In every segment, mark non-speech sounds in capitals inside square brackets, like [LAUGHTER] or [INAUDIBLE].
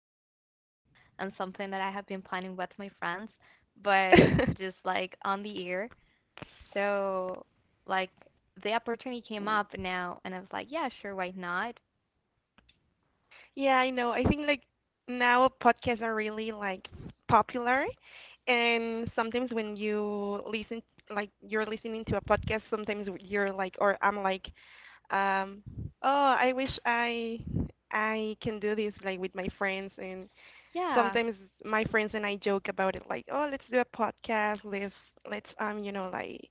do a podcast and something that I have been planning with my friends, but [LAUGHS] just like on the air. So, like, the opportunity came up now, and I was like, yeah, sure, why not? yeah, I know. I think like now podcasts are really like popular, and sometimes when you listen, like you're listening to a podcast, sometimes you're like, or I'm like Um, oh, I wish I can do this like with my friends, and Yeah. sometimes my friends and I joke about it like, oh, let's do a podcast. Let's like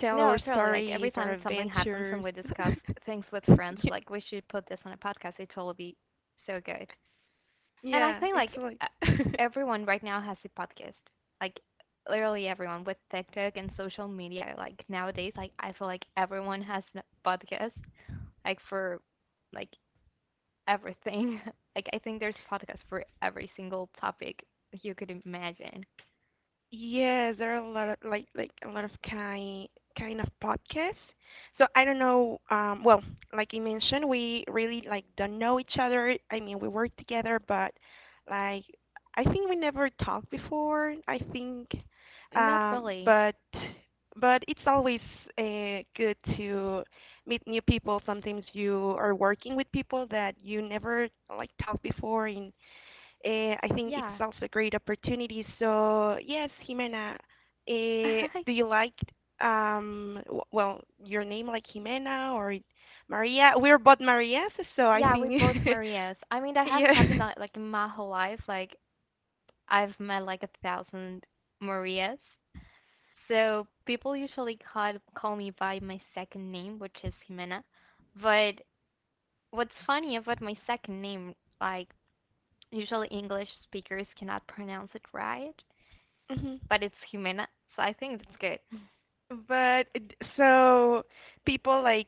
tell No, our totally. Like, every stories, time our that something happens and adventures. we [LAUGHS] discuss things with friends, Ye- like, we should put this on a podcast, it totally be so good. And I Yeah, think it's like like. e- [LAUGHS] everyone right now has a podcast. Like literally everyone with TikTok and social media. Like nowadays, like I feel like everyone has a podcast. Like for like everything. [LAUGHS] Like I think there's podcasts for every single topic you could imagine. Yes, there are a lot of like a lot of kind of podcasts. So I don't know. Well, like you mentioned, we really like don't know each other. I mean, we work together, but like I think we never talked before. I think, Not really. but it's always good to meet new people. Sometimes you are working with people that you never like talked before, in I think it's Yeah. also a great opportunity. So yes, Jimena, do [LAUGHS] you like well, your name, like Jimena or Maria? We're both Marias, so I Yeah, think. we both Marias. I mean that [LAUGHS] has happened Yeah. like in my whole life. Like I've met like a thousand Marias. So people usually call me by my second name, which is Jimena. But what's funny about my second name, like usually English speakers cannot pronounce it right, [LAUGHS] Mhm. but it's Jimena, so I think that's good. So people like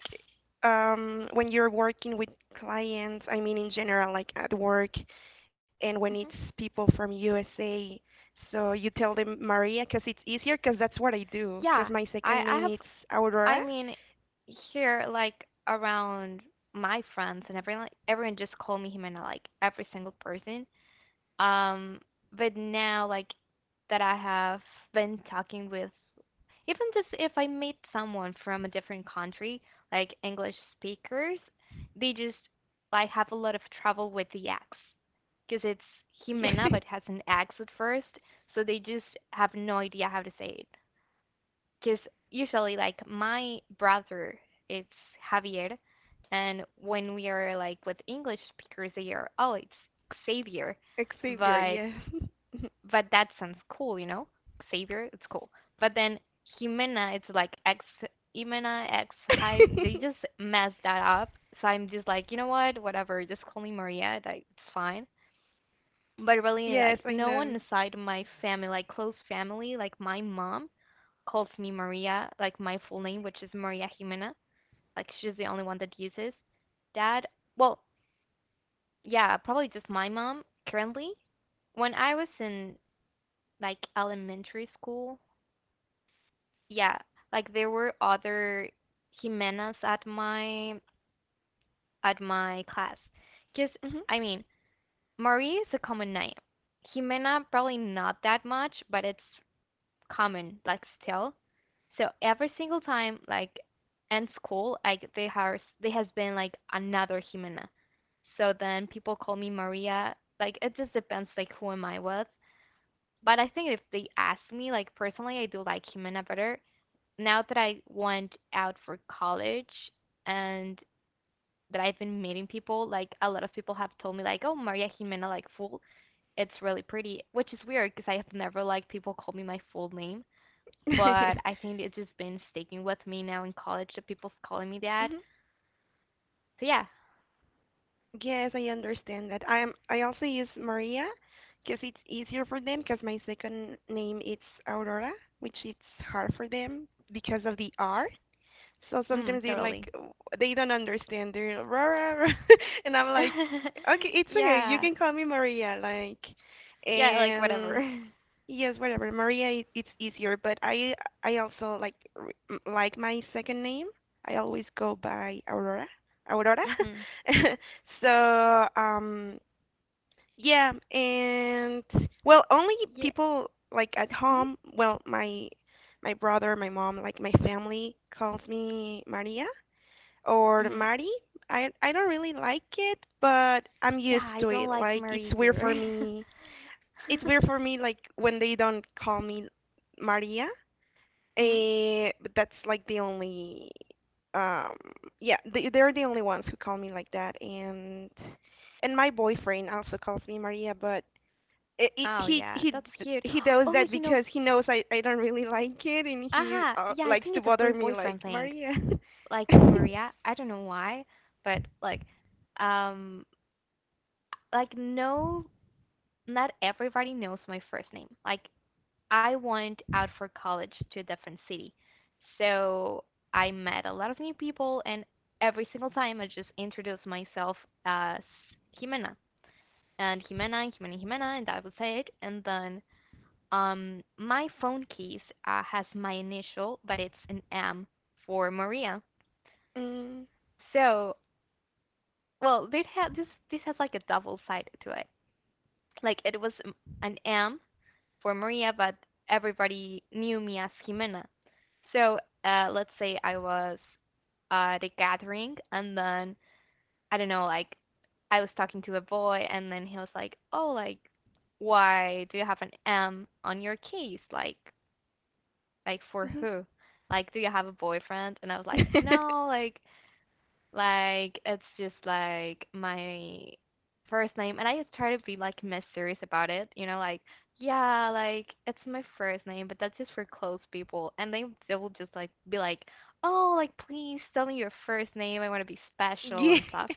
when you're working with clients, I mean in general like at work, and when Hmm. it's people from USA, so you tell them Maria, cause it's easier, cause that's what I do. Cause Yeah, my I second I name have is Aurora. I [LAUGHS] mean here like around my friends and everyone just call me Jimena, like every single person. Um, but now, like that, I have been talking with, even just if I meet someone from a different country, like English speakers, they just like have a lot of trouble with the X, because it's Yeah. Jimena, but has an X at first, so they just have no idea how to say it. Because usually, like my brother, it's Javier, and when we are like with English speakers, they are oh, it's Xavier, Xavier, but yes. but that sounds cool, you know? Xavier, it's cool. But then Jimena, it's like X Jimena X Hi. [LAUGHS] They just messed that up. So I'm just like, you know what? Whatever. Just call me Maria. That it's fine. But really, Yes, like I no one know. aside my family, like close family, like my mom calls me Maria, like my full name, which is Maria Jimena. Like she's the only one that uses. Dad, well, yeah, probably just my mom currently. When I was in like elementary school, yeah, like there were other Jimenas at my class. Just, Mhm. I mean, Marie is a common name. Jimena probably not that much, but it's common, like still. So every single time, like in school, like they has there has been like another Jimena. So then people call me Maria. Like it just depends, like who am I with. But I think if they ask me, like personally, I do like Jimena better now that I went out for college and that I've been meeting people, like a lot of people have told me like, "Oh, Maria Jimena, like full, it's really pretty," which is weird because I have never like people called me my full name, but [LAUGHS] I think it's just been sticking with me now in college that people's calling me that. Mhm. So yeah, Yes, I understand that. I am. I also use Maria because it's easier for them. Because my second name is Aurora, which it's hard for them because of the R. So sometimes totally. They don't understand. They're Aurora, [LAUGHS] and I'm like, okay, [LAUGHS] it's okay. You Yeah, can call me Maria. Like, yeah, like and whatever. [LAUGHS] yes, whatever. Maria, it's easier, but I also like like my second name. I always go by Aurora. Aurora. Mhm. [LAUGHS] So, yeah, and well, only Yeah. people like at Mhm. home, well, my brother, my mom, like my family calls me Maria or Mhm. Mari. I don't really like it, but I'm Yeah, used I to it. don't like Like it's Marie weird either. for me it's weird for [LAUGHS] me like when they don't call me Maria. Mhm. But that's like the only um yeah, they're the only ones who call me like that, and my boyfriend also calls me Maria, but it, Oh yeah, he that's d- cute. he [GASPS] does Oh, that because he knows I don't really like it, and he aha, yeah, I likes think to it's a pre bother me like boyfriend thing. Maria. Like [LAUGHS] the Mm, Maria, I don't know why, but um, like no, not everybody knows my first name. Like I went out for college to a different city, so I met a lot of new people, and every single time I just introduce myself as Jimena and Jimena and Jimena Jimena, and I that say it. And then my phone case has my initial, but it's an M for Maria. mhm. So, well, they have this. This has like a double side to it. Like it was an M for Maria, but everybody knew me as Jimena. So, let's say I was at a gathering, and then I don't know, like I was talking to a boy, and then he was like, "Oh, like, why do you have an M on your case? Like for who? [LAUGHS] Like do you have a boyfriend? And I was like, no, like it's just like my first name and I just try to be like mysterious about it, like yeah, like it's my first name, but that's just for close people. And they will just like be like, "Oh, like please tell me your first name. I want to be special Yeah. and stuff."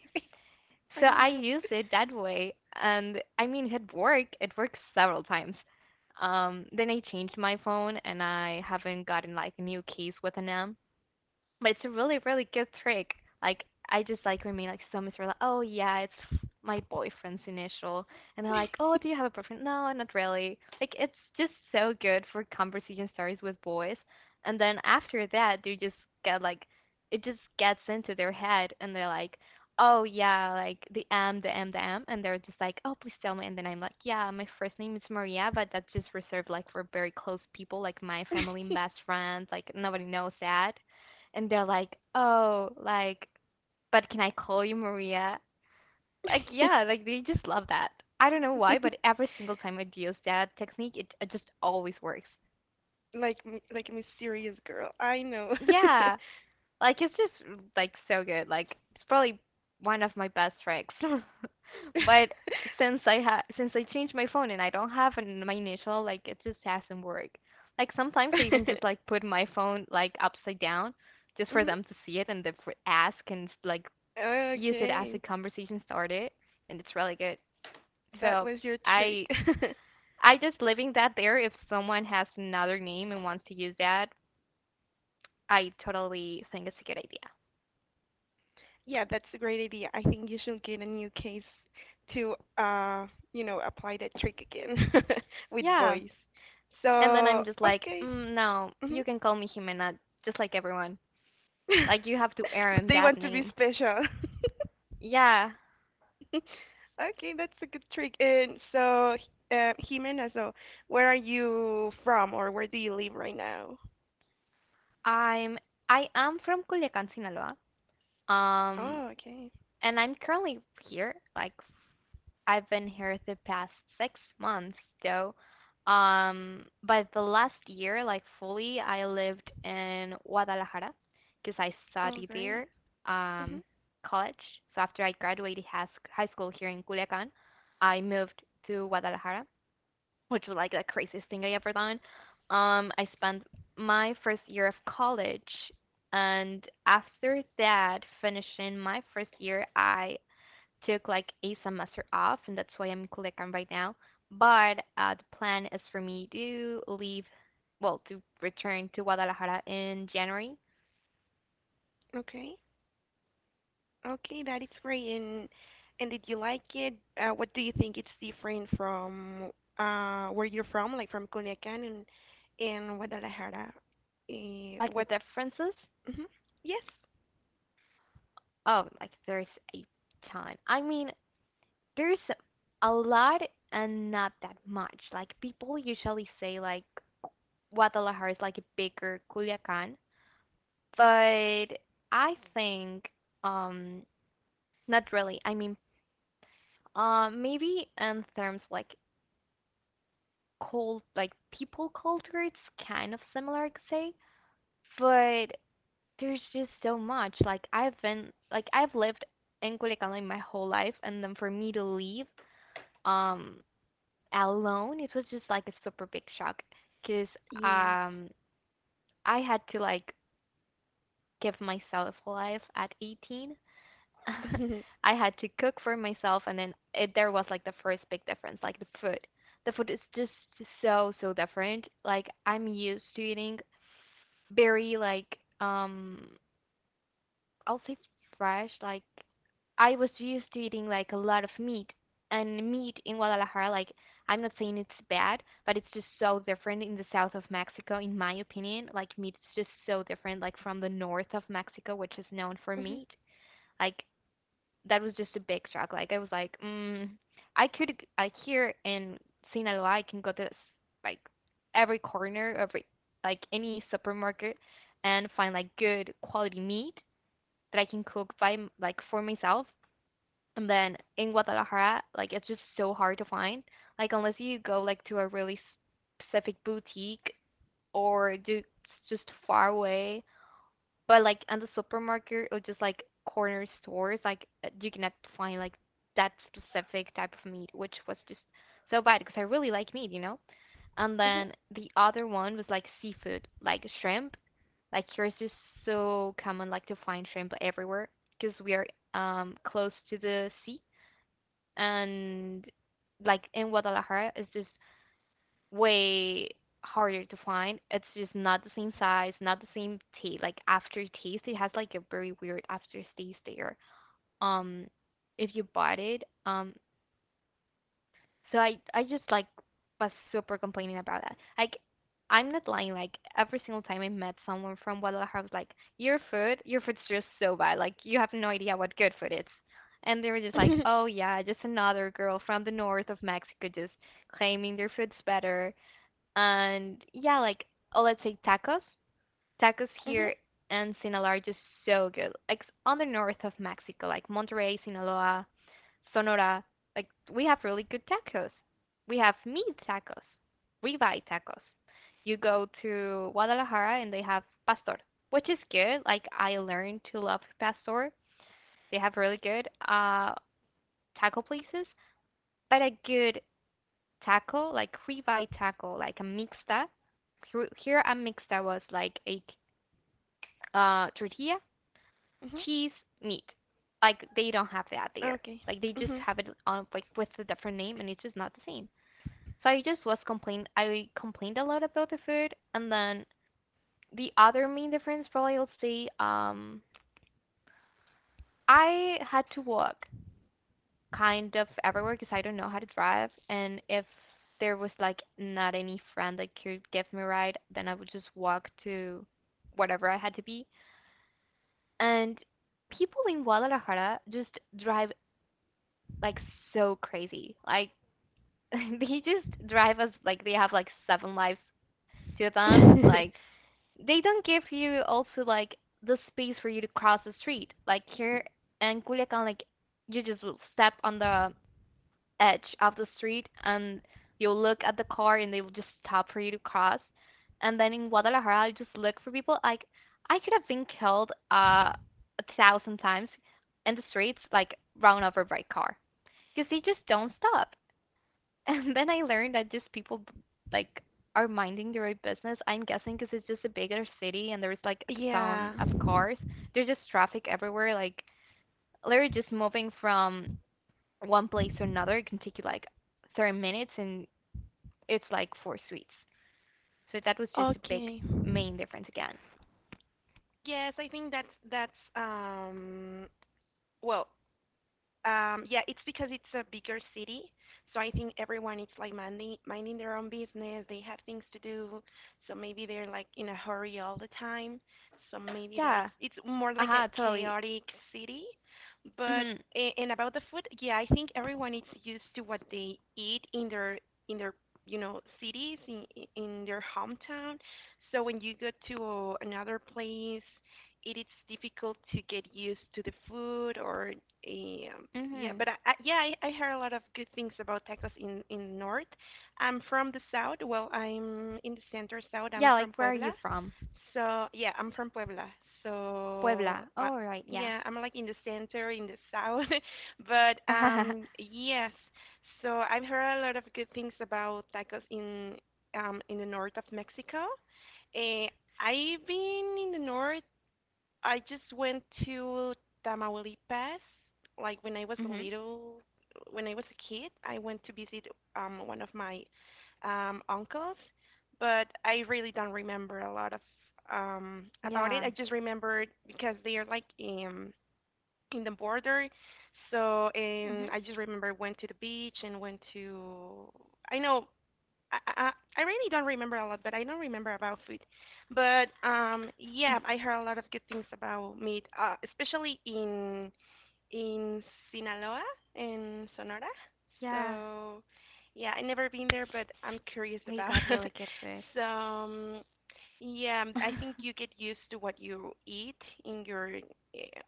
[LAUGHS] So I I use it that way, and I mean, it worked. It worked several times. Then I changed my phone, and I haven't gotten like a new case with an M. But it's a really, really good trick. Like I just like when me like so is like, oh yeah, it's my boyfriend's initial, and they're like, oh, do you have a boyfriend? No, not really. Like it's just so good for conversation starters with boys, and then after that they just get like, it just gets into their head, and they're like, oh yeah, like the M, the M, the M, and they're just like, oh please tell me, and then I'm like, yeah, my first name is Maria, but that's just reserved like for very close people, like my family and know. best friends. Like nobody knows that and they're like, "Oh, like, but can I call you Maria?" Like, yeah, like they just love that. I don't know why, but [LAUGHS] every single time I use that technique, it just always works. Like like a mysterious girl. I know. Yeah, like it's just like so good. Like it's probably one of my best tricks. [LAUGHS] [LAUGHS] But since I changed my phone and I don't have an, my initial, like it just hasn't worked. Like sometimes I even just like put my phone like upside down just for Mhm. them to see it and they for ask and like use it as a Okay, conversation started, and it's really good. that So was your trick. I [LAUGHS] I just leaving that there. If someone has another name and wants to use that, I totally think it's a good idea. Yeah, that's a great idea. I think you should get a new case to apply that trick again [LAUGHS] with Yeah, voice. and then So I'm just like, okay. No, Mhm. you can call me Jimena, just like everyone. [LAUGHS] Like you have to But earn they that want to be name. special. [LAUGHS] Yeah, Okay, that's a good trick. And so, Jimena, so where are you from, or where do you live right now? I'm I am from Culiacan, Sinaloa. Um, Oh, okay. and I'm currently here. Like I've been here the past 6 months, though. But the last year, like fully, I lived in Guadalajara because I Oh, studied great. there, um, Mhm. college. So after I graduated high school here in Culiacan, I moved to Guadalajara, which was like the craziest thing I ever done. I spent my first year of college, and after that, finishing my first year, I took like a semester off, and that's why I'm Culiacan right now. But the plan is for me to leave, well, to return to Guadalajara in January. Okay. Okay, that is great. And did you like it? What do you think it's different from where you're from, like from Culiacán and Guadalajara? Like the What? differences, Mhm. Yes. oh, like there's a ton. I mean, there's a lot and not that much. Like people usually say like Guadalajara is like a bigger Culiacan, but I think um not really. I mean, maybe in terms like cult like people culture it's kind of similar I could say. But there's just so much. Like I've been like I've lived in Culiacan my whole life and then for me to leave um alone it was just like a super big shock because Yes. um I had to like give myself life at 18. [LAUGHS] Mhm. I had to cook for myself, and then there was like the first big difference, like the food. The food is just so so different. Like I'm used to eating very like um I'll say fresh. Like I was used to eating like a lot of meat, and meat in Guadalajara, like I'm not saying it's bad, but it's just so different in the south of Mexico, in my opinion. Like meat is just so different, like from the north of Mexico, which is known for Mhm. meat. Like that was just a big shock. Like I was like, mm, I could I here in Sinaloa I can go to like every corner like any supermarket and find like good quality meat that I can cook by like for myself. And then in Guadalajara, like it's just so hard to find. Like unless you go like to a really specific boutique or do it's just far away but like on the supermarket or just like corner stores, like you cannot find like that specific type of meat, which was just so bad because I really like meat. And Mhm. then the other one was like seafood, like shrimp. Like here it's just so common like to find shrimp everywhere because we are close to the sea and like in Guadalajara it's just way harder to find. It's just not the same size, not the same taste. Like aftertaste, it has like a very weird aftertaste there. Um, if you bought it, so I just like was super complaining about that. Like I'm not lying. Like every single time I met someone from Guadalajara, I was like, your food's just so bad. Like you have no idea what good food is." And they were just like, Mhm. "Oh yeah, just another girl from the north of Mexico, just claiming their food's better." And yeah, like oh, let's say tacos. Tacos Mhm. here in Sinaloa are just so good. Like on the north of Mexico, like Monterrey, Sinaloa, Sonora, like we have really good tacos. We have meat tacos, ribeye tacos. You go to Guadalajara and they have pastor, which is good. Like I learned to love pastor. They have really good taco places, but a good taco, like ribeye taco, like a mixta. Here a mixta was like a tortilla, Mhm. cheese, meat. Like they don't have that there. Okay. Like they just Mhm. have it on like with a different name, and it's just not the same. So I just was complained. I complained a lot about the food, and then the other main difference probably I'll say I had to walk kind of everywhere because I don't know how to drive. And if there was like not any friend that could give me a ride, then I would just walk to whatever I had to be. And people in Guadalajara just drive like so crazy. Like [LAUGHS] they just drive us like they have like seven lives to them. Like [LAUGHS] they don't give you also like the space for you to cross the street. Like here in Culiacan, like you just will step on the edge of the street and you'll look at the car and they will just stop for you to cross. And then in Guadalajara, I just look for people. Like I could have been killed a thousand times in the streets, like run over by car, because they just don't stop. [LAUGHS] And then I learned that just people like are minding their own business. I'm guessing because it's just a bigger city and there's like a Yeah. ton of cars. There's just traffic everywhere. Like they're just moving from one place to another. It can take you like 30 minutes and it's like four suites. So that was just a big Okay. main difference again. Yes, I think that's well, yeah, it's because it's a bigger city, so I think everyone is like minding their own business. They have things to do, so maybe they're like in a hurry all the time. So maybe that Yeah. It's more like a Aha, totally. chaotic city. But Mhm. And about the food, yeah, I think everyone is used to what they eat in their in their cities in their hometown. So when you go to another place, it is difficult to get used to the food or yeah, Mhm. but I heard a lot of good things about tacos in north. I'm from the south. Well, I'm in the center south. I'm Yeah, from like where are you Puebla. from? So yeah, I'm from Puebla. So Puebla. Oh, right. Yeah. yeah, I'm like in the center, in the south. [LAUGHS] But [LAUGHS] yes. So I've heard a lot of good things about tacos in the north of Mexico. uh, I've been in the north. I just went to Tamaulipas, like when I was a mhm. little, when I was a kid. I went to visit one of my uncles, but I really don't remember a lot of about it. Yeah. I just remembered because they are like in the border, so, and Mhm. I just remember went to the beach and went to. I know. I, I I really don't remember a lot, but I don't remember about food. But yeah, I heard a lot of good things about meat, especially in Sinaloa, in Sonora. Yeah. So, yeah, I never been there, but I'm curious We about. got [LAUGHS] really good food. So, yeah, I think you [LAUGHS] get used to what you eat in your eh,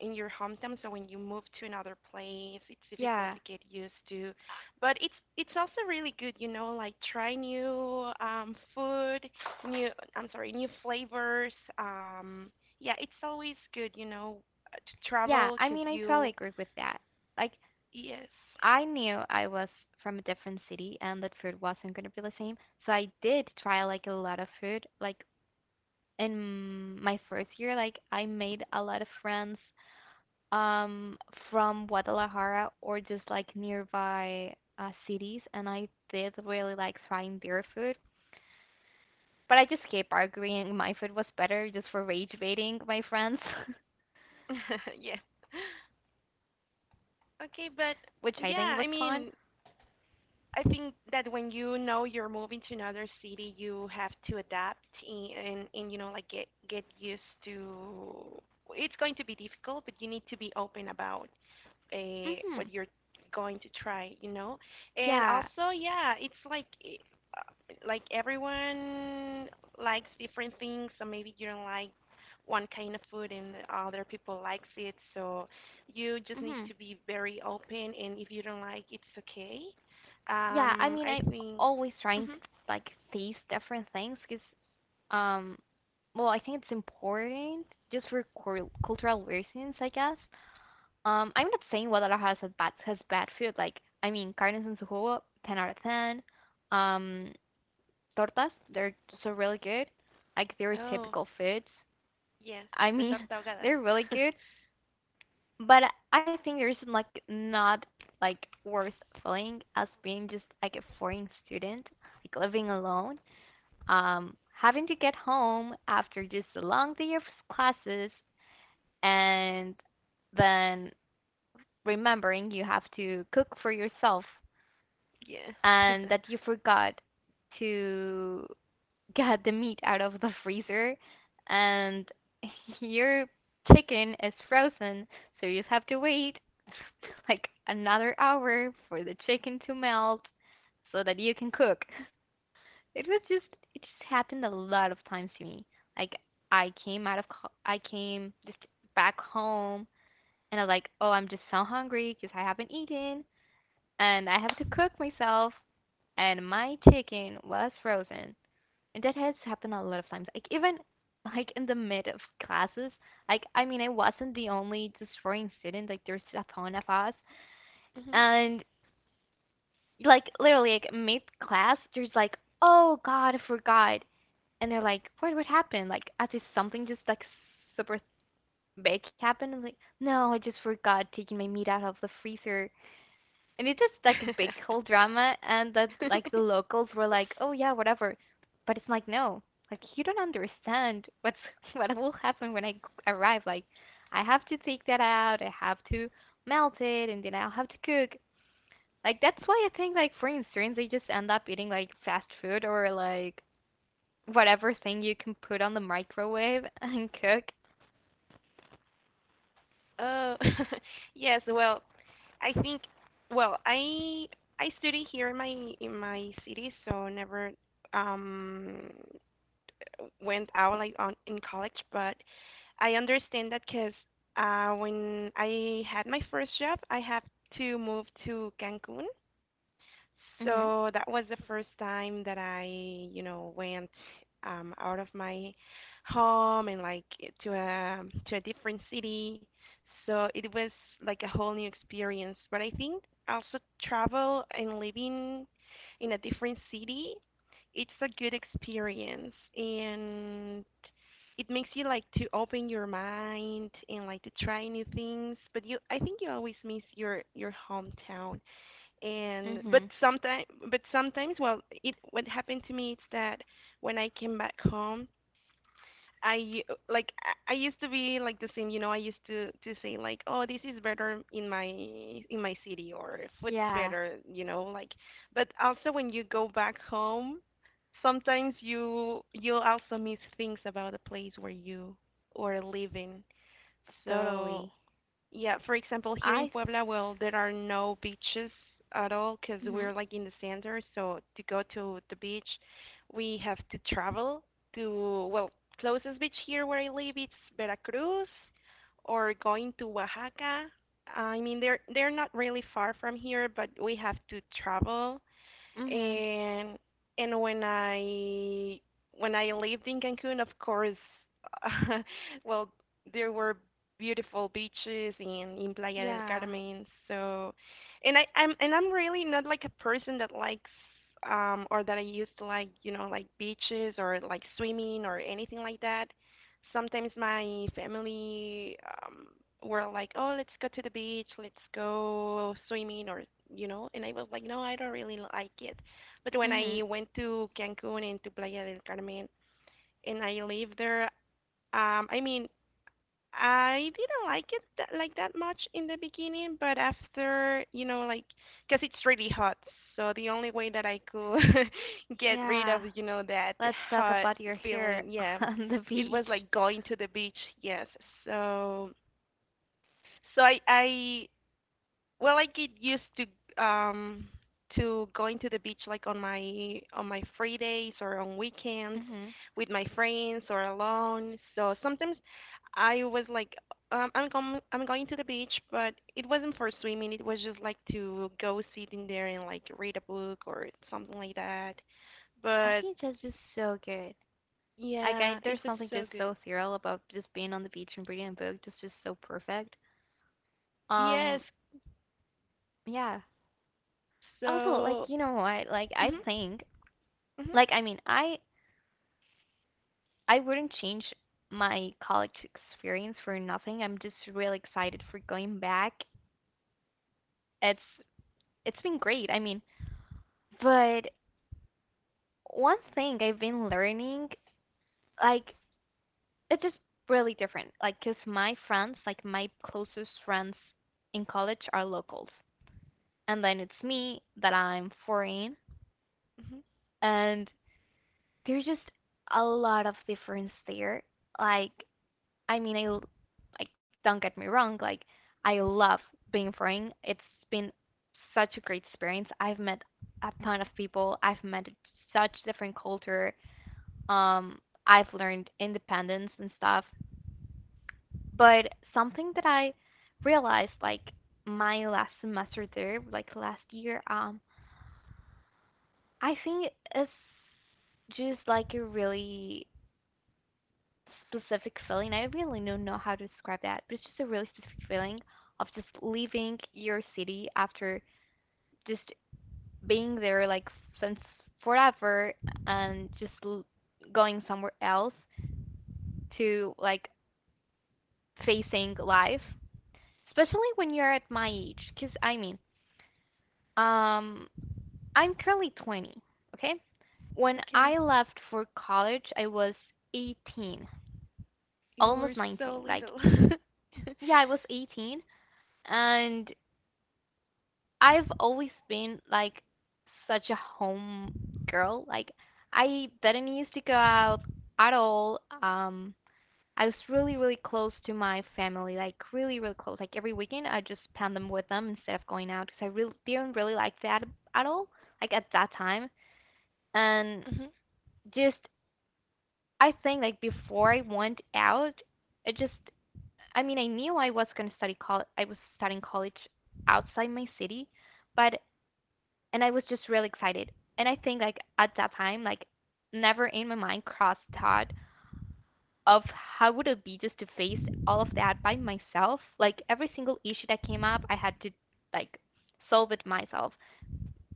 in your hometown. So when you move to another place, it's difficult yeah. to get used to. But it's also really good, you know, like try new food, new I'm sorry, new flavors. Yeah, it's always good, you know, to Yeah, travel I because mean, I totally you. agree with that. Like Yes. I knew I was from a different city and that food wasn't going to be the same. So I did try like a lot of food. Like in my first year, like I made a lot of friends um from Guadalajara or just like nearby cities, and I did really like trying their food. But I just kept arguing my food was better just for rage baiting my friends, [LAUGHS] Yeah. Okay, but [LAUGHS] which I yeah, think I was fun. mean, I think that when you know you're moving to another city, you have to adapt, and you know, like get used to. It's going to be difficult, but you need to be open about what Mhm. you're going to try, you know. And Yeah. also, yeah, it's uh, like everyone likes different things, so maybe you don't like one kind of food and the other people likes it. So you just need Mhm. to be very open, and if you don't like, it's okay. Yeah, I mean, I I'm think. always trying to Hmm. like taste different things because, um, well, I think it's important just for cultural reasons, I guess. I'm not saying Guadalajara has bad food. Like, I mean, carnes en su jugo, ten out of ten. Um, tortas, they're so really good. Like, they're Oh, typical foods. yes, I the mean, torta [LAUGHS] ahogada. they're really [LAUGHS] good. But I think there's like not like worse feeling as being just like a foreign student, like living alone, having to get home after just a long day of classes and then remembering you have to cook for yourself Yeah. and that you forgot to get the meat out of the freezer and [LAUGHS] your chicken is frozen, so you just have to wait [LAUGHS] like another hour for the chicken to melt so that you can cook. It was just it just happened a lot of times to me. Like I came out of co- I came just back home and I'm like, "Oh, I'm just so hungry because I haven't eaten and I have to cook myself and my chicken was frozen." And that has happened a lot of times. Like even [LAUGHS] like in the mid of classes, like I mean I wasn't the only destroying student, like there's a ton of us. Mm-hmm. And like literally like mid class there's like, "Oh god, I forgot," and they're like, What happened?" Like as if something just like super big happened. I'm like, "No, I just forgot taking my meat out of the freezer," and it's just like a big whole drama and that like the locals were like, "Oh yeah, whatever," but it's like no, like you don't understand what's [LAUGHS] what will happen when arrive. Like I have to take that out, I have to melt it, and then I'll have to cook. Like that's why I think like foreigners, they just end up eating like fast food or like whatever thing you can put on the microwave [LAUGHS] and cook. Uh, [LAUGHS] yes. Well, I think. Well, I study here in my city, so never um went out like on in college. But I understand that because when I had my first job, I had to move to Cancun, Mhm. so that was the first time that I, you know, went out of my home and like to a to a different city. So it was like a whole new experience. But I think also travel and living in a different city, it's a good experience, and it makes you like to open your mind and like to try new things. But you, I think you always miss your hometown, and but Mhm. sometimes well, it what happened to me is that when I came back home, I like I used to be like the same, you know, I used to say like, oh, this is better in my city, or food's Yeah, better, you know, like. But also when you go back home, sometimes you also miss things about the place where you are living, so totally. yeah. For example, here in I Puebla, well, there are no beaches at all because mhm. we're like in the center. So to go to the beach, we have to travel to, well, closest beach here where I live, it's Veracruz or going to Oaxaca. I mean, they're not really far from here, but we have to travel. Mhm. And when I lived in Cancun, of course, [LAUGHS] well, there were beautiful beaches in Playa del Yeah. Carmen. So, and I'm really not like a person that likes or that I used to like, you know, like beaches or like swimming or anything like that. Sometimes my family, um, were like, "Oh, let's go to the beach, let's go swimming," or, and I was like, "No, I don't really like it." But when I Mhm. went to Cancun and to Playa del Carmen, and I lived there, I mean, I didn't like it like that much in the beginning, but after, like, cause it's really hot. So the only way that I could [LAUGHS] get rid of, Yeah. That Let's talk hot about your hair feeling, yeah, [LAUGHS] on the it was beach. like going to the beach. Yes. So I well, I get used um to going to the beach like on my free days or on weekends Mhm. with my friends or alone. So sometimes I was like I'm going to the beach, but it wasn't for swimming. It was just like to go sit in there and like read a book or something like that. I But think that's just so good. Like I yeah, there's it was something so just good. so surreal about just being on the beach and reading a book. That's just so perfect. Yes. Um, yeah. Also, So. like you know what? Like I Mhm, think mhm, like I mean, I wouldn't change my college experience for nothing. I'm just really excited for going back. It's it's been great. I mean, but one thing I've been learning like it's just really different. Like, cause my friends, like my closest friends in college, are locals, and then it's me that I'm foreign, mhm. and there's just a lot of difference there. Like, I mean, I like don't get me wrong, like I love being foreign. It's been such a great experience. I've met a ton of people. I've met such different culture. Um, I've learned independence and stuff. But something that I realized, like my last semester there, like last year, I think it's just like a really specific feeling. I really don't know how to describe that, but it's just a really specific feeling of just leaving your city after just being there like since forever and just going somewhere else to like facing life, especially when you're at my age. Cause I mean, um, I'm currently 20, okay? When Okay, I left for college, I was 18, you were almost so 19. Like, little. [LAUGHS] yeah, I was 18, and I've always been like such a home girl. Like, I didn't used to go out at all. I was really, really close to my family, like really, really close. Like every weekend, I just spend them with them instead of going out because I really didn't really like that at all, like at that time. And Mhm. just I think like before I went out, it just I mean I knew I was gonna study college. I was studying college outside my city, but and I was just really excited. And I think like at that time, like never in my mind crossed thought of how would it be just to face all of that by myself. Like every single issue that came up, I had to like solve it myself.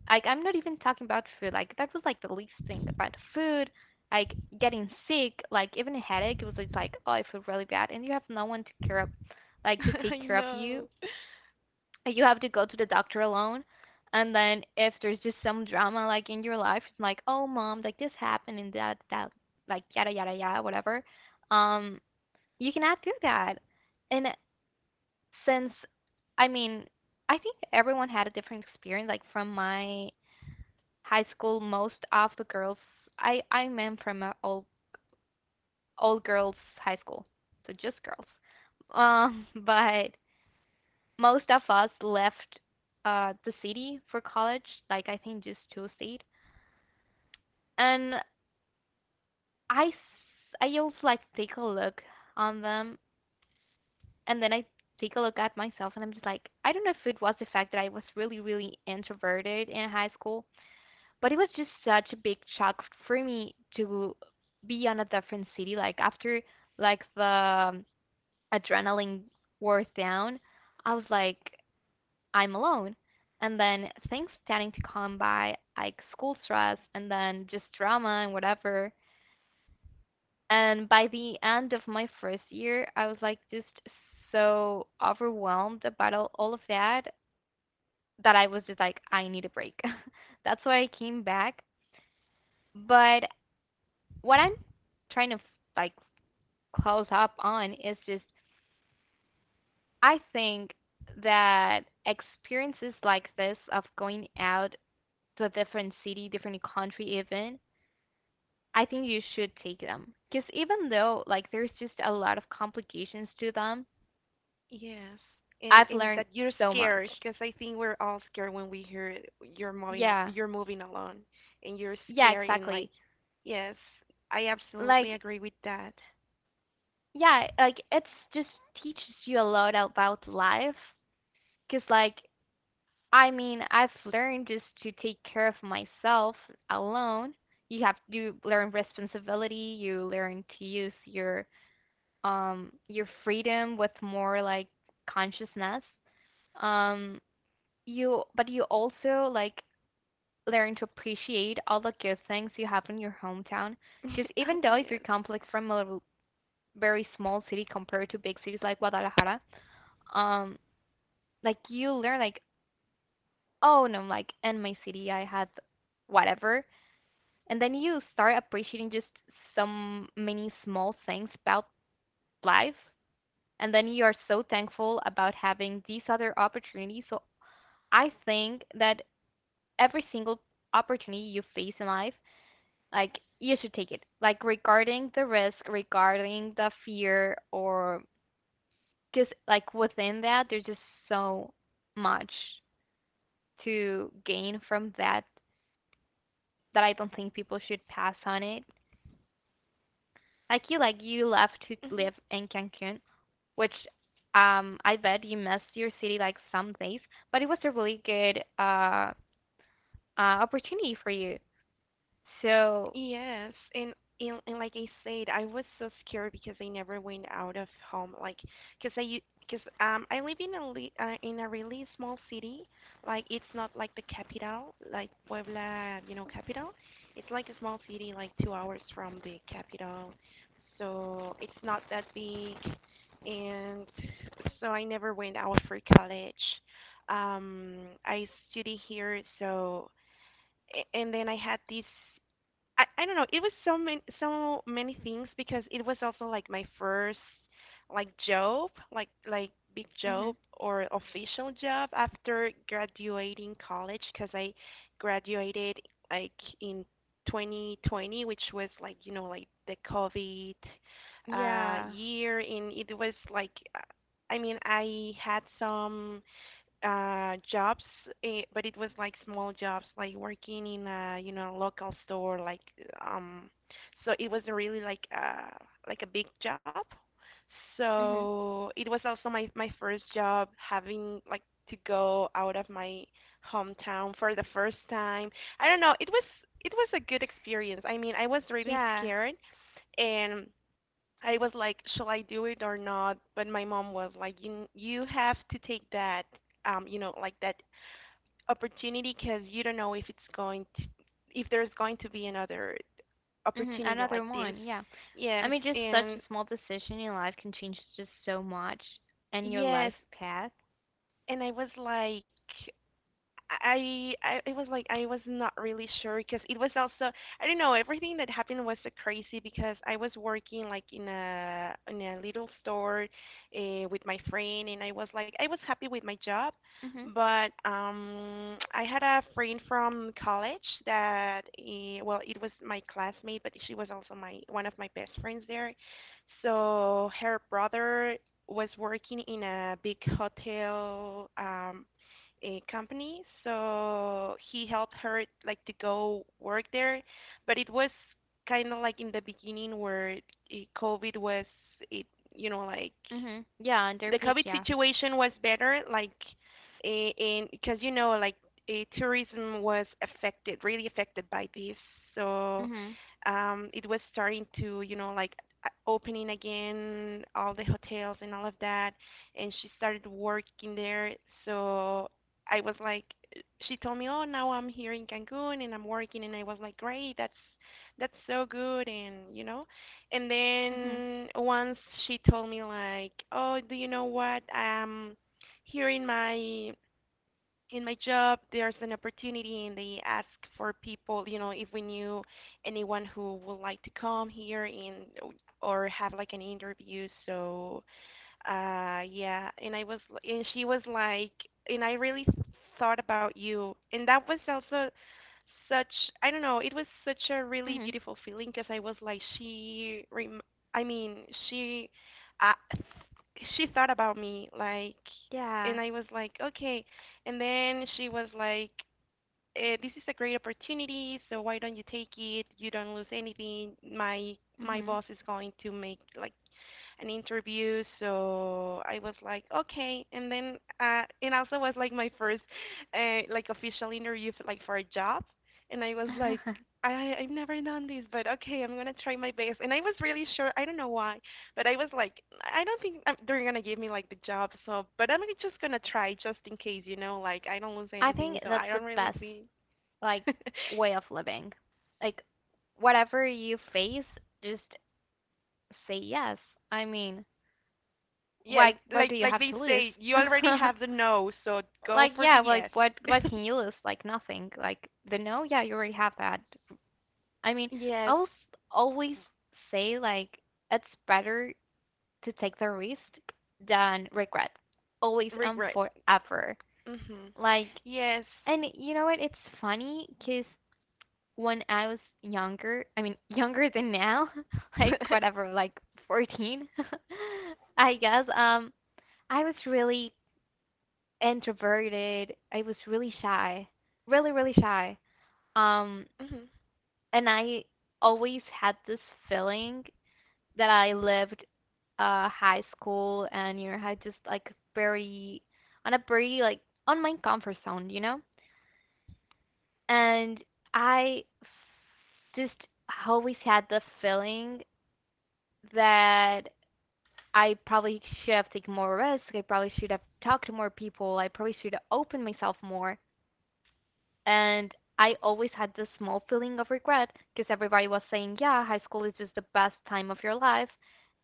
Like I'm not even talking about food. Like that was like the least thing about food. Like getting sick, like even a headache, it was just like, oh, I feel really bad, and you have no one to care of, like to [LAUGHS] I take care of you. know. Like, you have to go to the doctor alone. And then if there's just some drama like in your life, it's like, "Oh mom, like this happened and that like yada yada yada whatever." Um, you cannot do that. And since I mean, I think everyone had a different experience. Like from my high school, most of the girls I I'm am from a all girls high school, so just girls. [LAUGHS] But most of us left the city for college. Like I think just two stayed, and I s- I always like take a look on them, and then I take a look at myself, and I'm just like I don't know if it was the fact that I was really really introverted in high school, but it was just such a big shock for me to be on a different city. Like after like the adrenaline wore down, I was like, I'm alone. And then things starting to come by, like school stress and then just drama and whatever. And by the end of my first year, I was like just so overwhelmed about all of that that I was just like, I need a break. [LAUGHS] That's why I came back. But what I'm trying to like close up on is just, I think that experiences like this of going out to a different city, different country even, I think you should take them. Because even though like there's just a lot of complications to them, Yes. And I've and learned that you're so scared much. because I think we're all scared when we hear you're Yeah. you're moving alone and you're Yeah, scared and like exactly. yes, I absolutely Like agree with that. yeah, like it's just teaches you a lot about life. Because like I mean, I've learned just to take care of myself alone. You have to learn responsibility. You learn to use your freedom with more like consciousness. Um, you but you also like learn to appreciate all the good things you have in your hometown. Because even [LAUGHS] though if you Yes. come like from a very small city compared to big cities like Guadalajara, um, like you learn like, oh no, like in my city I had whatever, and then you start appreciating just some many small things about life, and then you are so thankful about having these other opportunities. So I think that every single opportunity you face in life, like you should take it, like regarding the risk, regarding the fear, or just like within that there's just so much to gain from that that I don't think people should pass on it. Like you left to live in Cancun, which I bet you missed your city like some days, but it was a really good opportunity for you. So. Yes, and and like I said, I was so scared because I never went out of home. Cause I u- cause I live in in a really small city. Like it's not like the capital, like Puebla, you know, capital. It's like a small city, like 2 hours from the capital. So it's not that big, and so I never went out for college. Um, I study here, so and then I had this. I don't know. It was so many things because it was also like my first like job, like big Mhm. job or official job after graduating college because I graduated like in 2020, which was like you know like the COVID Yeah. year, and it was like I mean I had some jobs but it was like small jobs like working in a you know local store like um so it was really like a big job, Mhm. so it was also my first job, having like to go out of my hometown for the first time. I don't know, it was a good experience. I mean, I was really Yeah. scared, and I was like, shall I do it or not? But my mom was like, you have to take that, you know, like that opportunity because you don't know if it's going if there's going to be another Mhm. opportunity like Another this. one. Yeah. I Yes, mean, just such and a small decision in life can change just so much and your yes, life path. and I was like, I it was like I was not really sure because it was also I don't know, everything that happened was so crazy because I was working like in a little store, with my friend, and I was like I was happy with my job, Mhm. but I had a friend from college that well it was my classmate, but she was also my one of my best friends there. So her brother was working in a big hotel, um, a company, so he helped her like to go work there, but it was kind of like in the beginning where eh, COVID was it you know like Mhm. Yeah, under the peak, COVID yeah. situation was better, like in, because you know like eh, tourism was affected, really affected by this. So Mhm. It was starting to you know like opening again all the hotels and all of that, and she started working there. So I was like, she told me, oh now I'm here in Cancun and I'm working, and I was like, great, that's so good, and you know and Mhm. then once she told me like, "Oh, do you know what? Here in my job, there's an opportunity, and they ask for people. You know, if we knew anyone who would like to come here and or have like an interview. So, yeah. And I was, and she was like, and I really thought about you." And that was also such I don't know, it was such a really Mhm. beautiful feeling because I was like I mean, uh, she thought about me like, Yeah. and I was like, "Okay." And then she was like, eh, "This is a great opportunity, so why don't you take it? You don't lose anything. My Mhm. boss is going to make like an interview." So I was like, okay. And then it also was like my first like official interview for, like for a job, and I was like. [LAUGHS] I've never done this, but okay, I'm gonna try my best. And I was really sure. I don't know why, but I was like, I don't think they're gonna give me like the job. So, but I'm just gonna try just in case, you know. Like I don't lose I think anything, so I that's the don't really best think. like way [LAUGHS] of living. Like, whatever you face, just say yes. I mean, Yes, why what do you like have they to lose? say, you already [LAUGHS] have the no, so go Like for the yeah, like yes. [LAUGHS] what can you lose? Like nothing. Like the no, yeah, you already have that. I mean, Yes. I will always say like it's better to take the risk than regret. Always and Regret. forever. Hmm. Like, Yes. [LAUGHS] and you know what? It's funny because when I was younger, I mean, [LAUGHS] younger than now, [LAUGHS] like whatever, like 14, [LAUGHS] I guess, I was really introverted. I was really shy, really, really shy. Um, Mhm. and I always had this feeling that I lived high school and had just like very on a very like on my comfort zone, you know? And I just always had the feeling that I probably should have taken more risk. I probably should have talked to more people. I probably should have opened myself more. And I always had this small feeling of regret because everybody was saying, yeah, high school is just the best time of your life.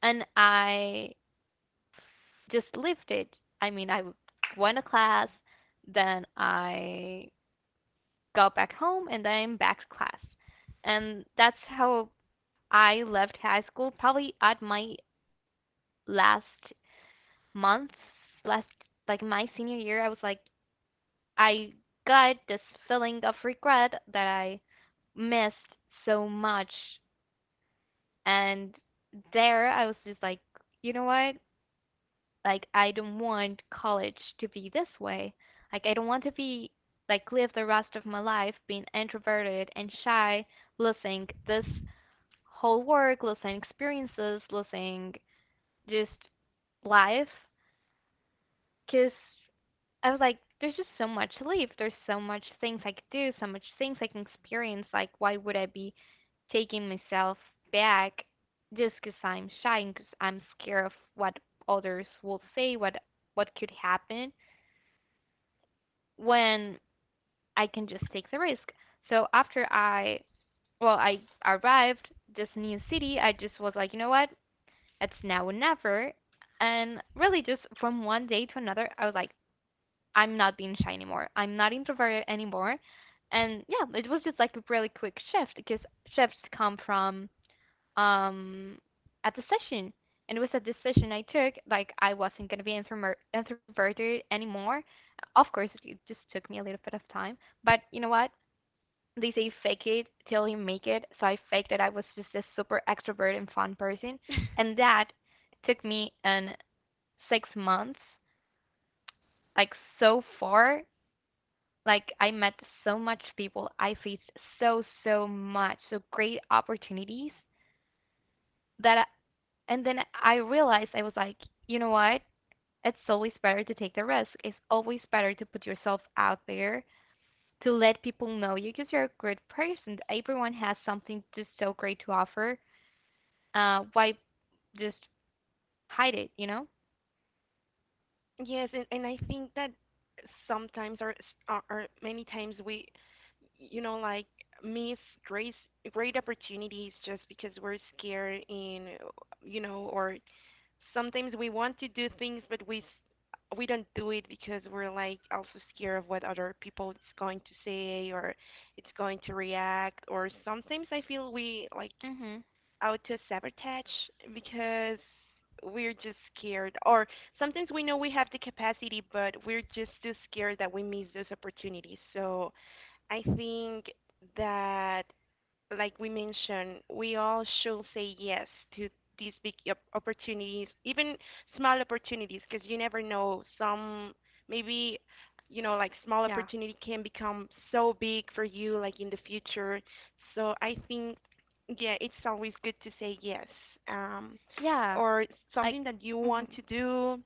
And I just lived it. I mean, I went to class, then I got back home, and then I'm back to class. And that's how I left high school, probably at my last months, last, like my senior year, I was like, I got this feeling of regret that I missed so much. And there I was just like, you know what? Like, I don't want college to be this way. Like, I don't want to be like live the rest of my life being introverted and shy, losing this whole work, losing experiences, losing just life. Because I was like, there's just so much to live. There's so much things I could do, so much things I can experience. Like, why would I be taking myself back just 'cause I'm shy and 'cause I'm scared of what others will say, what could happen when I can just take the risk. So after well, I arrived this new city, I just was like, you know what? It's now or never. And really, just from one day to another, I was like, I'm not being shy anymore. I'm not introverted anymore. And yeah, it was just like a really quick shift because shifts come from um at the session. And it was a decision I took, like I wasn't gonna be introverted anymore. Of course, it just took me a little bit of time, but you know what? They say fake it till you make it. So I faked that I was just a super extrovert and fun person, and [LAUGHS] that took me an 6 months, like so far like I met so much people. I faced so much, so great opportunities that and then I realized I was like, you know what? It's always better to take the risk. It's always better to put yourself out there to let people know you because you're a good person. Everyone has something just so great to offer. Why just hide it? You know? Yes, and I think that sometimes or many times we, you know, like miss great great opportunities just because we're scared in, you know, or sometimes we want to do things but we we don't do it because we're like also scared of what other people is going to say or it's going to react, or sometimes I feel we like Mhm. auto sabotage because we're just scared, or sometimes we know we have the capacity but we're just too scared that we miss those opportunities. So I think that like we mentioned, we all should say yes to these opportunities, even small opportunities, because you never know. Some maybe, you know, like small Yeah. opportunity can become so big for you, like in the future. So I think, yeah, it's always good to say yes. Um, Yeah. or Like. something that you want Mhm. to do,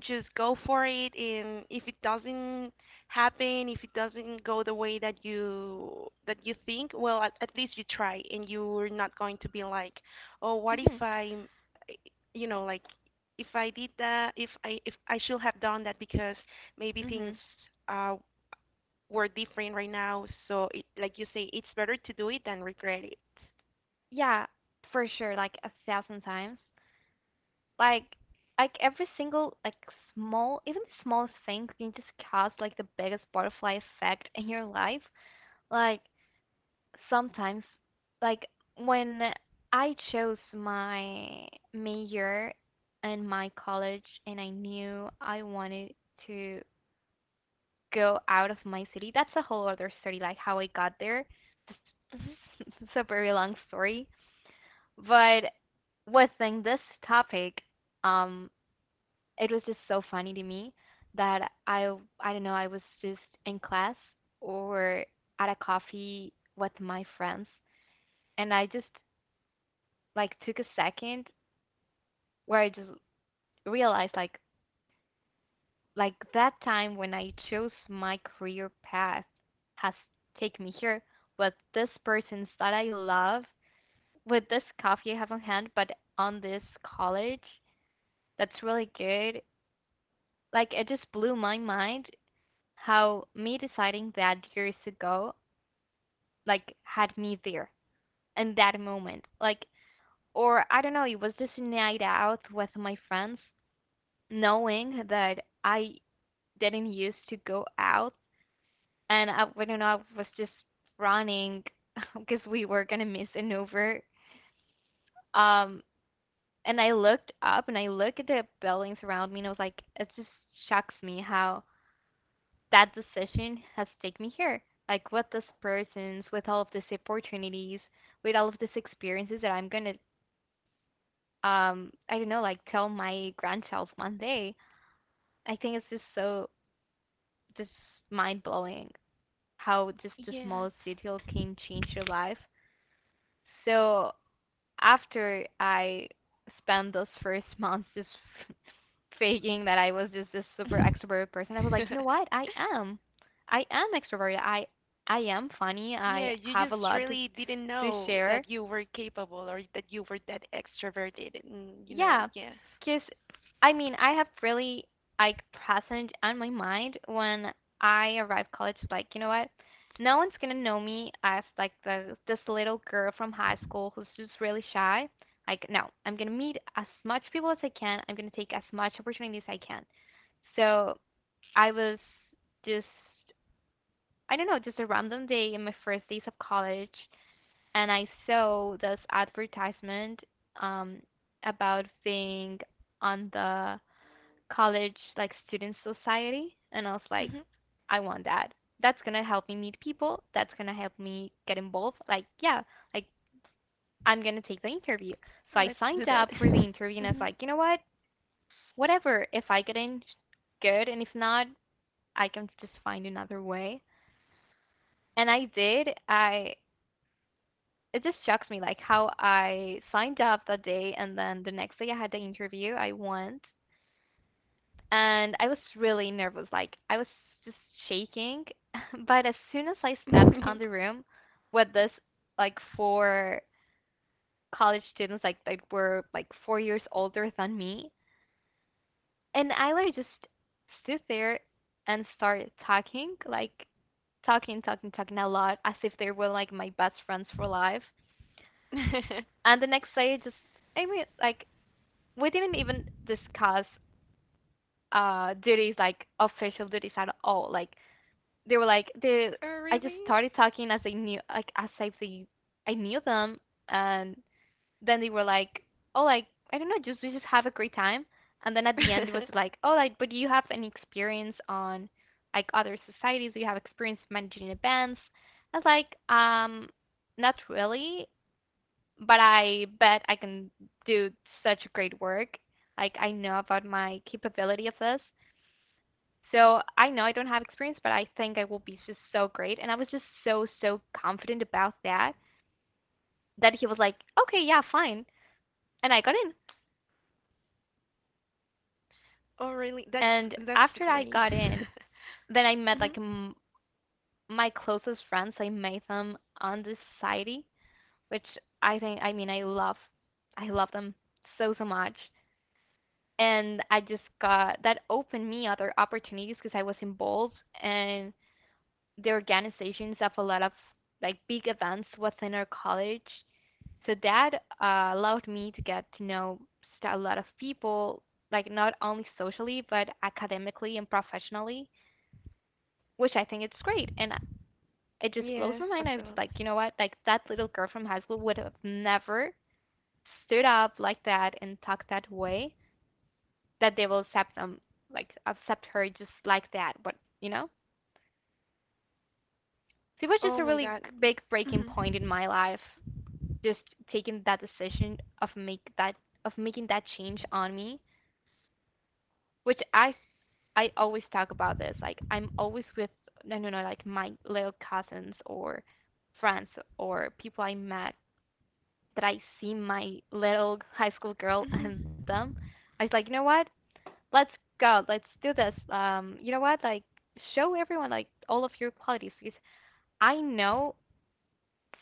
just go for it. And if it doesn't happen, if it doesn't go the way that you think, well at least you try and you're not going to be like oh what if Mhm. I you know like if I did that if I should have done that, because maybe things Mhm. uh were different right now. So it, like you say, it's better to do it than regret it. Yeah. For sure. Like a thousand times. like like every single like small, even the smallest thing can just cause like the biggest butterfly effect in your life. Like sometimes like when I chose my major in my college, and I knew I wanted to go out of my city, that's a whole other story, like how I got there. Hmm. [LAUGHS] It's a very long story, but within this topic, um it was just so funny to me that I don't know, I was just in class or at a coffee with my friends, and I just like took a second where I just realized like that time when I chose my career path has taken me here with this persons that I love, with this coffee I have on hand, but on this college that's really good. Like it just blew my mind how me deciding that years ago like had me there in that moment, like, or I don't know, it was just a night out with my friends, knowing that I didn't used to go out, and I don't know, I was just running because [LAUGHS] we were gonna miss an over, um and I looked up and I looked at the buildings around me, and I was like, it just shocks me how that decision has taken me here. Like, what this person's with all of these opportunities, with all of these experiences that I'm gonna, I don't know, like tell my grandchild one day. I think it's just so just mind blowing how just the Yes. smallest detail can change your life. So after I spent those first months just faking that I was just this super extrovert person. I was like, you know what? [LAUGHS] I am. I am extroverted. I am funny. Yeah, I you have a just lot to really didn't to know share. that you were capable or that you were that extroverted, and you know, Yeah, yes. cause I mean I have really like present on my mind when I arrived college. Like, you know what? No one's gonna know me as like the this little girl from high school who's just really shy. Like no, I'm gonna meet as much people as I can. I'm gonna take as much opportunities as I can. So I was just, I don't know, just a random day in my first days of college, and I saw this advertisement, um about being on the college like student society, and I was like, Mhm. I want that. That's gonna help me meet people. That's gonna help me get involved. Like, yeah, like I'm gonna take the interview. So I Let's do signed that. up for the interview, and I was [LAUGHS] like, you know what? Whatever. If I get in, good, and if not, I can just find another way. And I did. I it just shocks me like how I signed up that day, and then the next day I had the interview. I went and I was really nervous. Like I was just shaking, [LAUGHS] but as soon as I stepped Mhm. on the room with this like four college students like that were like 4 years older than me, and I like just stood there and started talking like talking talking talking a lot as if they were like my best friends for life. [LAUGHS] And the next day, just, I mean, like we didn't even discuss duties like official duties at all. Like they were like they Oh, I just really? started talking as I knew, like, as if they I knew them, and then they were like, oh, like I don't know, just we just have a great time. And then at the end, it was [LAUGHS] like, oh, like, but do you have any experience on like other societies? Do you have experience managing events? I was like, not really, but I bet I can do such great work. Like I know about my capability of this. So I know I don't have experience, but I think I will be just so great. And I was just so, so confident about that that he was like, okay, yeah, fine. And I got in. Oh, really? And That's after I great. [LAUGHS] got in, then I met Mhm. like my closest friends. I made them on the society, which I think, I mean, I love them so, so much. And I just got that opened me other opportunities because I was involved in the organizations of a lot of like big events within our college. So that allowed me to get to know a lot of people, like not only socially but academically and professionally, which I think it's great. And it just blows Yes, my mind. I was like, absolutely. you know what? Like that little girl from high school would have never stood up like that and talked that way that they will accept them, like accept her just like that. But you know, so it was just Oh a my really God. big breaking Mhm. point in my life. Just taking that decision of make that of making that change on me, which I always talk about this. Like I'm always with no no no like my little cousins or friends or people I met that I see my little high school girl and them. Mhm. I was like, you know what? Let's go. Let's do this. You know what? Like, show everyone like all of your qualities because I know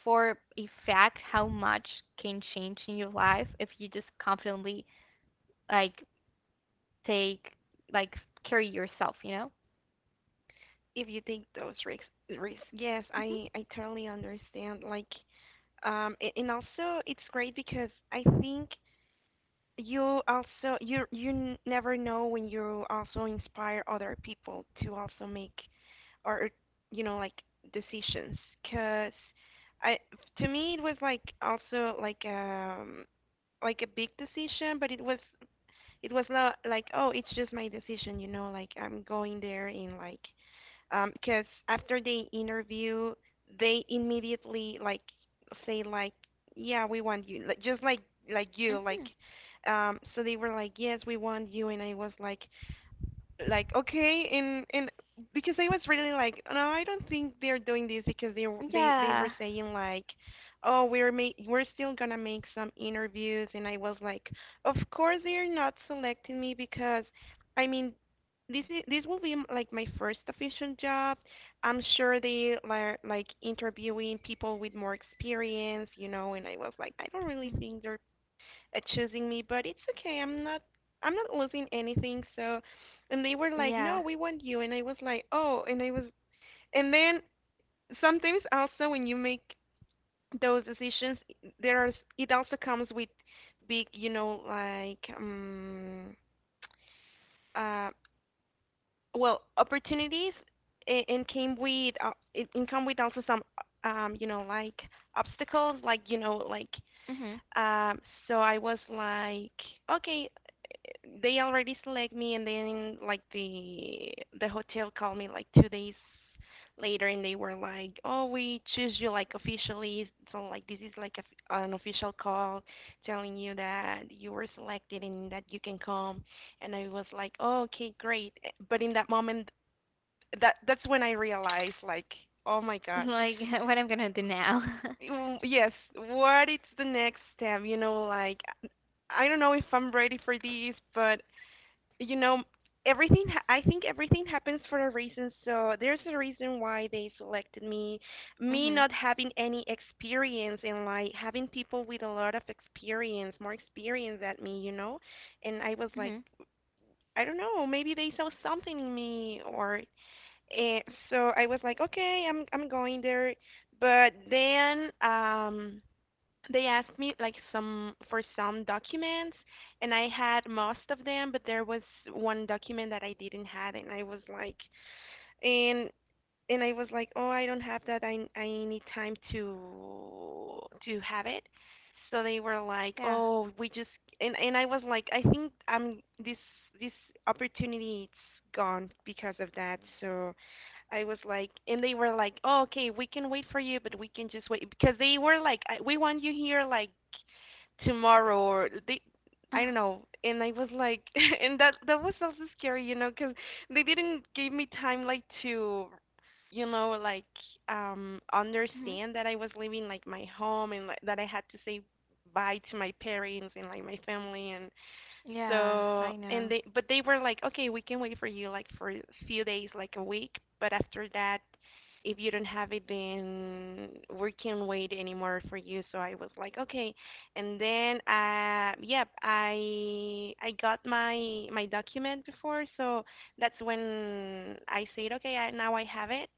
for a fact how much can change in your life if you just confidently like take like carry yourself. You know? If you take those risks, yes, Mhm. I totally understand. Like, and also it's great because I think you also you never know when you also inspire other people to also make or you know like decisions because I to me it was like also like a big decision, but it was not like oh it's just my decision, you know, like I'm going there in like because after they interview, they immediately like say like, yeah, we want you, like, just like you, like, Mhm. um. So they were like, yes, we want you, and I was like okay and because I was really like no I don't think they're doing this because they were Yeah. saying like oh we're still gonna make some interviews and I was like of course they're not selecting me because I mean this is this will be like my first official job. I'm sure they are like interviewing people with more experience, you know, and I was like I don't really Mhm. think they're choosing me, but it's okay. I'm not losing anything. So, and they were like, Yeah. "No, we want you." And I was like, "Oh." And I was and then sometimes also when you make those decisions, there are it also comes with big, you know, like uh well, opportunities and came with it and come with also some you know like obstacles, like you know like. Mhm. [LAUGHS] Um, so I was like, okay, they already select me, and then like the hotel called me like 2 days later, and they were like, oh, we choose you like officially. So like this is like a, an official call telling you that you were selected and that you can come. And I was like, oh, okay, great. Eh, but in that moment, that's when I realized like, oh my God Like [LAUGHS] what I'm gonna do now. Yes, what is the next step? You know, like I don't know if I'm ready for these, but you know, I think everything happens for a reason, so there's a reason why they selected me. [LAUGHS] Me mhm. not having any experience and like having people with a lot of experience, more experience than me, you know? And I was like, Mhm. I don't know, maybe they saw something in me or eh, so I was like, okay, I'm going there. But then they asked me like some for some documents, and I had most of them but there was one document that I didn't have and I was like and and I was like, "Oh, I don't have that. I need time to have it." So they were like, Yeah. "Oh, we just..." And I was like, "I think I'm this opportunity it's gone because of that." So I was like, and they were like, "Oh, okay, we can wait for you, but we can just wait because they were like, I, we want you here like tomorrow or they." I don't [SIGHS] know, and I was like, [LAUGHS] and that was also scary, you know, because they didn't give me time like to you know, like mhm. understand that I was leaving like my home and like that I had to say bye to my parents and like my family. And Yeah. so I and know. they but they were like, okay, we can wait for you like for a few days, like a week. But after that, if you don't have it, then we can't wait anymore for you. So I was like, okay. And then, yep, I got my document before, so that's when I said, okay, I, now I have it.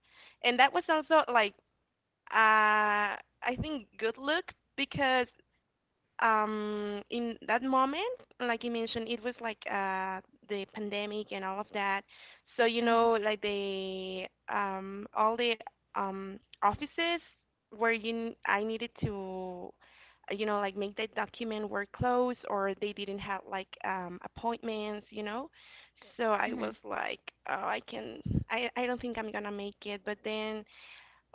And that was also like, uh, I think good luck because in that moment like you mentioned it was like the pandemic and all of that, so you Mhm. know like the all the offices where I needed to you know, like make that document were closed, or they didn't have like appointments, you know. So I was Mhm. like, oh I can, I don't think I'm gonna make it. But then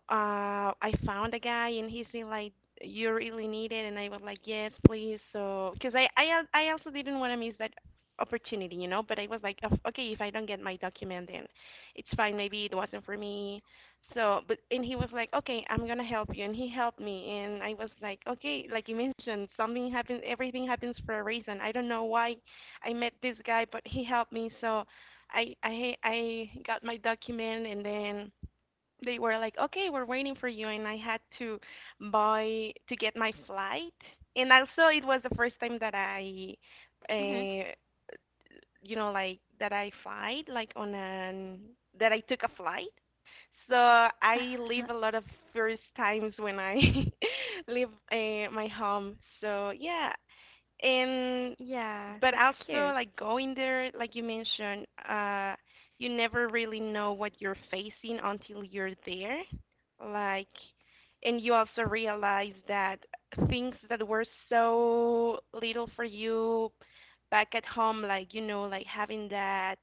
I found a guy and he's been like, "You really need it," and I was like, "Yes, please." So, because I also didn't want to miss that opportunity, you know. But I was like, "Of- Okay, if I don't get my document, then it's fine. Maybe it wasn't for me." So, but and he was like, "Okay, I'm gonna help you," and he helped me, and I was like, "Okay," like you mentioned, something happens, everything happens for a reason. I don't know why I met this guy, but he helped me, so. I got my document, and then they were like, "Okay, we're waiting for you," and I had to buy to get my flight. And also, it was the first time that I, Mhm. uh, you know, like that I took a flight. So I live a [LAUGHS] lot of first times when I [LAUGHS] leave my home. So yeah, and Yeah, but that's also cute. like going there, like you mentioned, you never really know what you're facing until you're there. Like, and you also realize that things that were so little for you back at home, like you know, like having that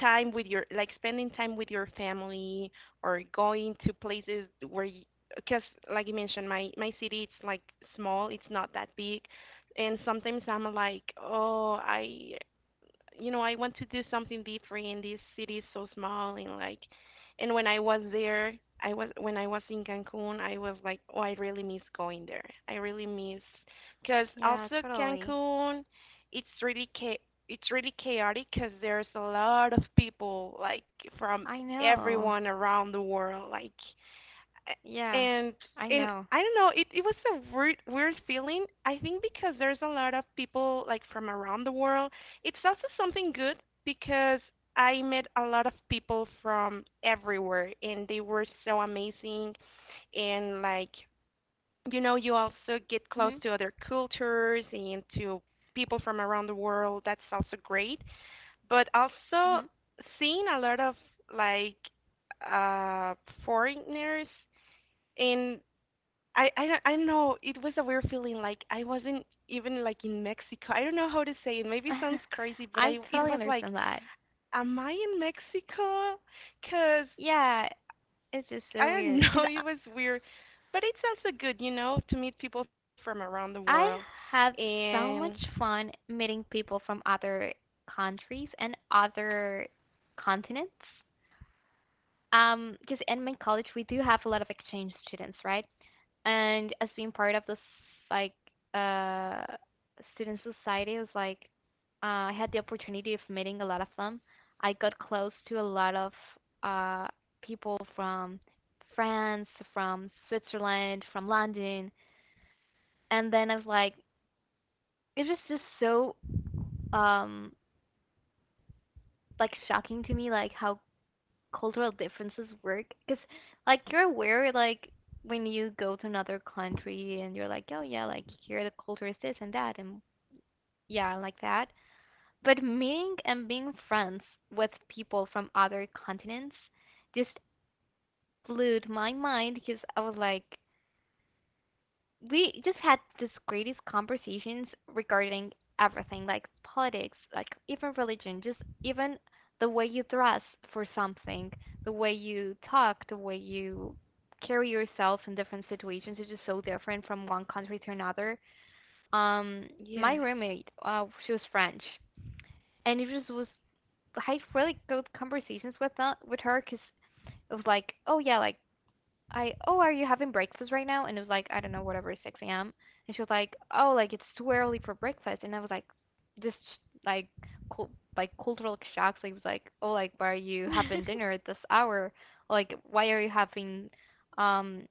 time with your like spending time with your family, or going to places where, because like you mentioned, my city, it's like small, it's not that big. And sometimes I'm like, oh, I you know, I want to do something different in this city is so small and like. And when I was there, I was when I was in Cancun, I was like, "Oh, I really miss going there. I really miss cuz Yeah, also totally. Cancun, it's really it's really chaotic cuz there's a lot of people like from I know. everyone around the world like. Yeah, And I know. I don't know, it was a weird feeling. I think because there's a lot of people like from around the world. It's also something good because I met a lot of people from everywhere and they were so amazing. And like, you know, you also get close Mhm. to other cultures and to people from around the world. That's also great. But also Mhm. seeing a lot of like uh foreigners. I don't, I don't know. It was a weird feeling. Like I wasn't even like in Mexico. I don't know how to say it. Maybe it sounds [LAUGHS] crazy, but I I it totally was like, understand that. am I in Mexico? 'Cause Yeah, it's just I so don't weird know. [LAUGHS] because I It was weird, but it's also good, you know, to meet people from around the world. I have so And much fun meeting people from other countries and other continents. Because in my college we do have a lot of exchange students, right? And as being part of this like uh student society, it was like I had the opportunity of meeting a lot of them. I got close to a lot of uh people from France, from Switzerland, from London, and then I was like it's just so um like shocking to me, like how cultural differences work, because like you're aware, like when you go to another country and you're like, oh yeah, like here the culture is this and that, and yeah, like that. But meeting and being friends with people from other continents just blew my mind because I was like, we just had this greatest conversations regarding everything, like politics, like even religion, just even the way you dress for something, the way you talk, the way you carry yourself in different situations is just so different from one country to another. Um, my roommate, she was French, and it just was had really good conversations with that with her because it was like, oh yeah, like I oh are you having breakfast right now? And it was like I don't know whatever 6 a.m. And she was like, oh like it's too early for breakfast. And I was like, this like cul- like cultural shocks. So it was like, oh like why are you yes. having dinner at this hour? Like why are you having um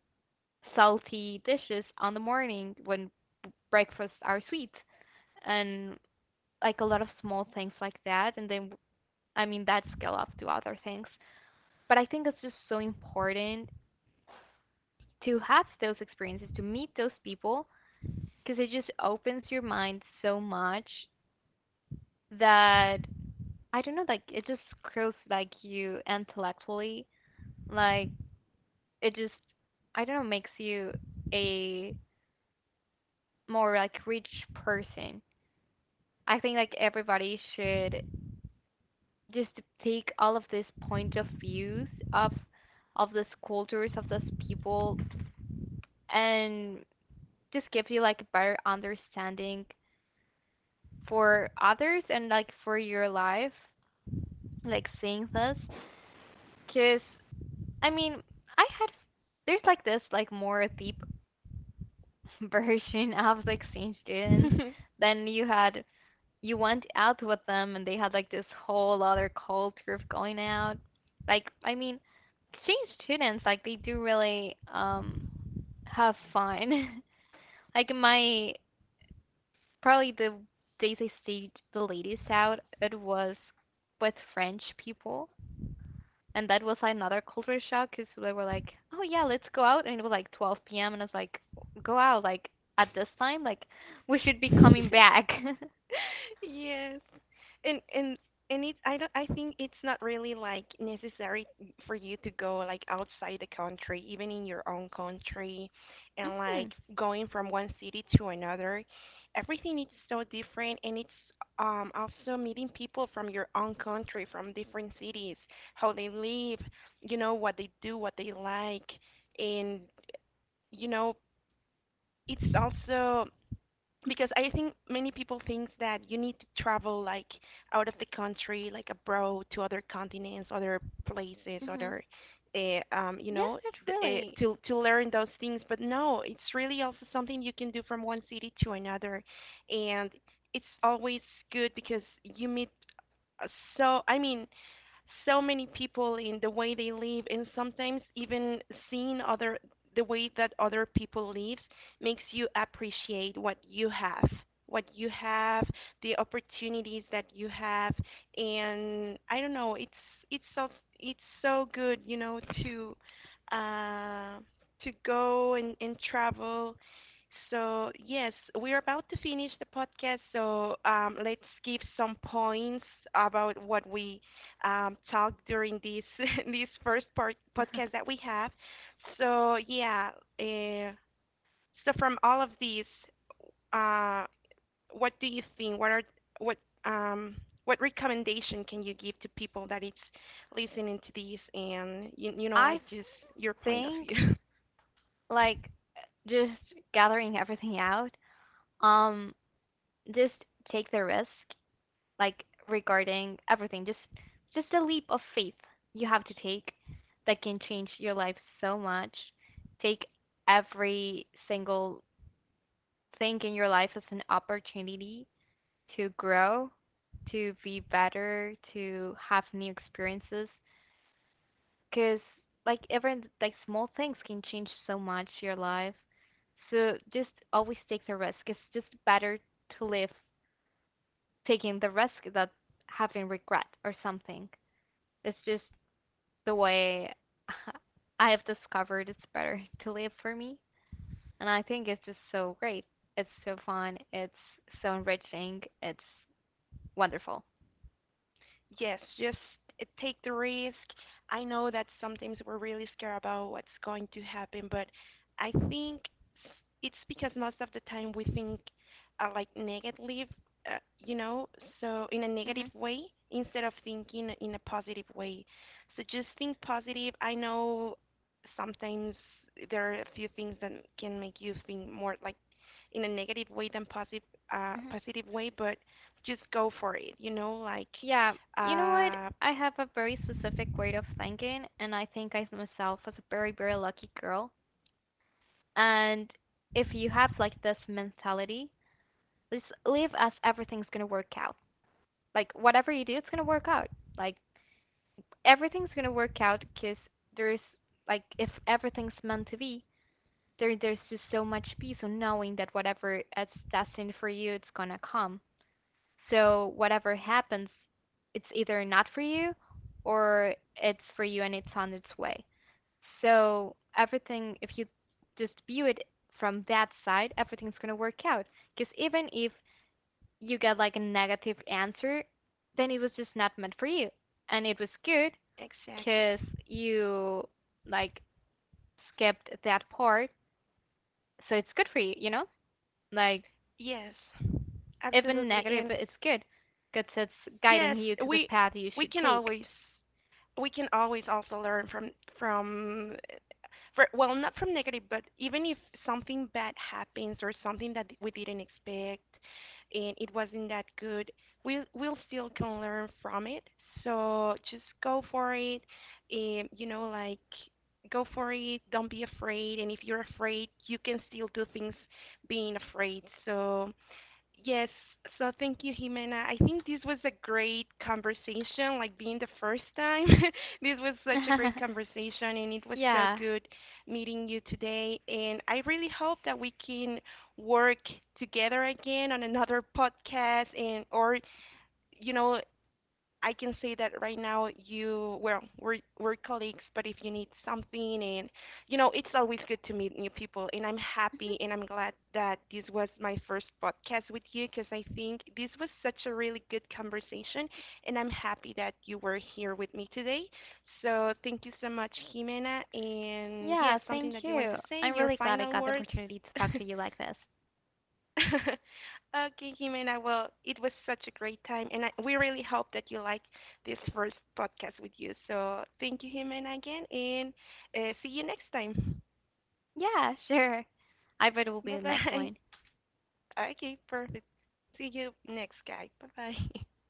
salty dishes on the morning when breakfasts are sweet? And like a lot of small things like that. And then I mean that scale up to other things. But I think it's just so important to have those experiences, to meet those people, because it just opens your mind so much that I don't know, like it just grows like you intellectually, like it just I don't know makes you a more like rich person. I think like everybody should just take all of these point of views of these cultures of these people, and just gives you like a better understanding for others and like for your life, like seeing this. Cause I mean, I had there's like this like more deep [LAUGHS] version of like seeing students. Then you had you went out with them and they had like this whole other culture of going out. Like I mean, exchange students like they do really have fun. [LAUGHS] Like my probably the days I stayed the latest out, it was with French people. And that was another culture shock because they were like, oh, yeah, let's go out. And it was like 12 p.m. And I was like, go out, like, at this time, like, we should be coming [LAUGHS] back. [LAUGHS] [LAUGHS] Yes. And and and it's I don't, I think it's not really like necessary for you to go like outside the country, even in your own country, and like Hmm. going from one city to another. Everything is so different, and it's also meeting people from your own country, from different cities, how they live, you know, what they do, what they like, and you know, it's also because I think many people think that you need to travel like out of the country, like abroad to other continents, other places, Hmm. other, you Yes, know, that's really. To learn those things. But no, it's really also something you can do from one city to another, and it's always good because you meet uh, so. I mean, so many people in the way they live. And sometimes even seeing other the way that other people live makes you appreciate what you have, what you have the opportunities that you have. And I don't know, it's so, it's so good, you know, uh to go and travel. So yes, we're about to finish the podcast, so let's give some points about what we talk during this [LAUGHS] this first part, podcast [LAUGHS] that we have. So yeah, uh, so from all of these, uh, what do you think? What are what um what recommendation can you give to people that it's listening to this, and you know I like, just your point of think, view? [LAUGHS] like, just gathering everything out, um, just take the risk like regarding everything. Just a leap of faith you have to take that can change your life so much. Take every single thing in your life as an opportunity to grow, to be better, to have new experiences because like even like small things can change so much your life. So just always take the risk. It's just better to live taking the risk than having regret or something. It's just the way [LAUGHS] I have discovered it's better [LAUGHS] to live for me. And I think it's just so great. It's so fun. It's so enriching. It's wonderful. Yes, just take the risk. I know that sometimes we're really scared about what's going to happen, but I think s- it's because most of the time we think like negative, uh, you know, so in a negative Mhm. way instead of thinking in a positive way. So just think positive. I know sometimes there are a few things that can make you think more like in a negative way than positive, Mhm. positive way, but just go for it, you know, like Yeah, you know what? uh, I have a very specific way of thinking, and I think I see myself as a very, very lucky girl. And if you have like this mentality, just live as everything's gonna work out. Like whatever you do, it's gonna work out. Like everything's gonna work out because there's like if everything's meant to be, there's just so much peace on knowing that whatever is destined for you, it's gonna come. So whatever happens, it's either not for you or it's for you and it's on its way. So everything, if you just view it from that side, everything's gonna work out. Because even if you get like a negative answer, then it was just not meant for you, and it was good exactly. 'cause you like skipped that part. So it's good for you, you know? Like Yes, even absolutely. negative, And it's good, good 'cause it's yes, guiding you to the we path you we should can take. always, we can always also learn from from for, well, not from negative, but even if something bad happens or something that we didn't expect and it wasn't that good, we'll still can learn from it. So just go for it, and you know, like go for it, don't be afraid. And if you're afraid you can still do things being afraid, so. Yes, so thank you, Jimena. I think this was a great conversation, like being the first time. [LAUGHS] This was such a great [LAUGHS] conversation, and it was so Yeah. good meeting you today. And I really hope that we can work together again on another podcast. And or, you know, I can say that right now, you, well, we're colleagues, but if you need something, and you know, it's always good to meet new people. And I'm happy and I'm glad that this was my first podcast with you, because I think this was such a really good conversation, and I'm happy that you were here with me today. So thank you so much, Jimena. And yes, Yeah, something thank that you want you. to say, I'm your really glad I final got the words. [LAUGHS] opportunity to talk to you like this. [LAUGHS] Okay, Jimena. Well, it was such a great time, and we really hope that you like this first podcast with you. So thank you, Jimena, again, and see you next time. Yeah, sure. I bet it will Bye be the next bye. one. [LAUGHS] Okay, perfect. See you next, guy. Bye bye. [LAUGHS]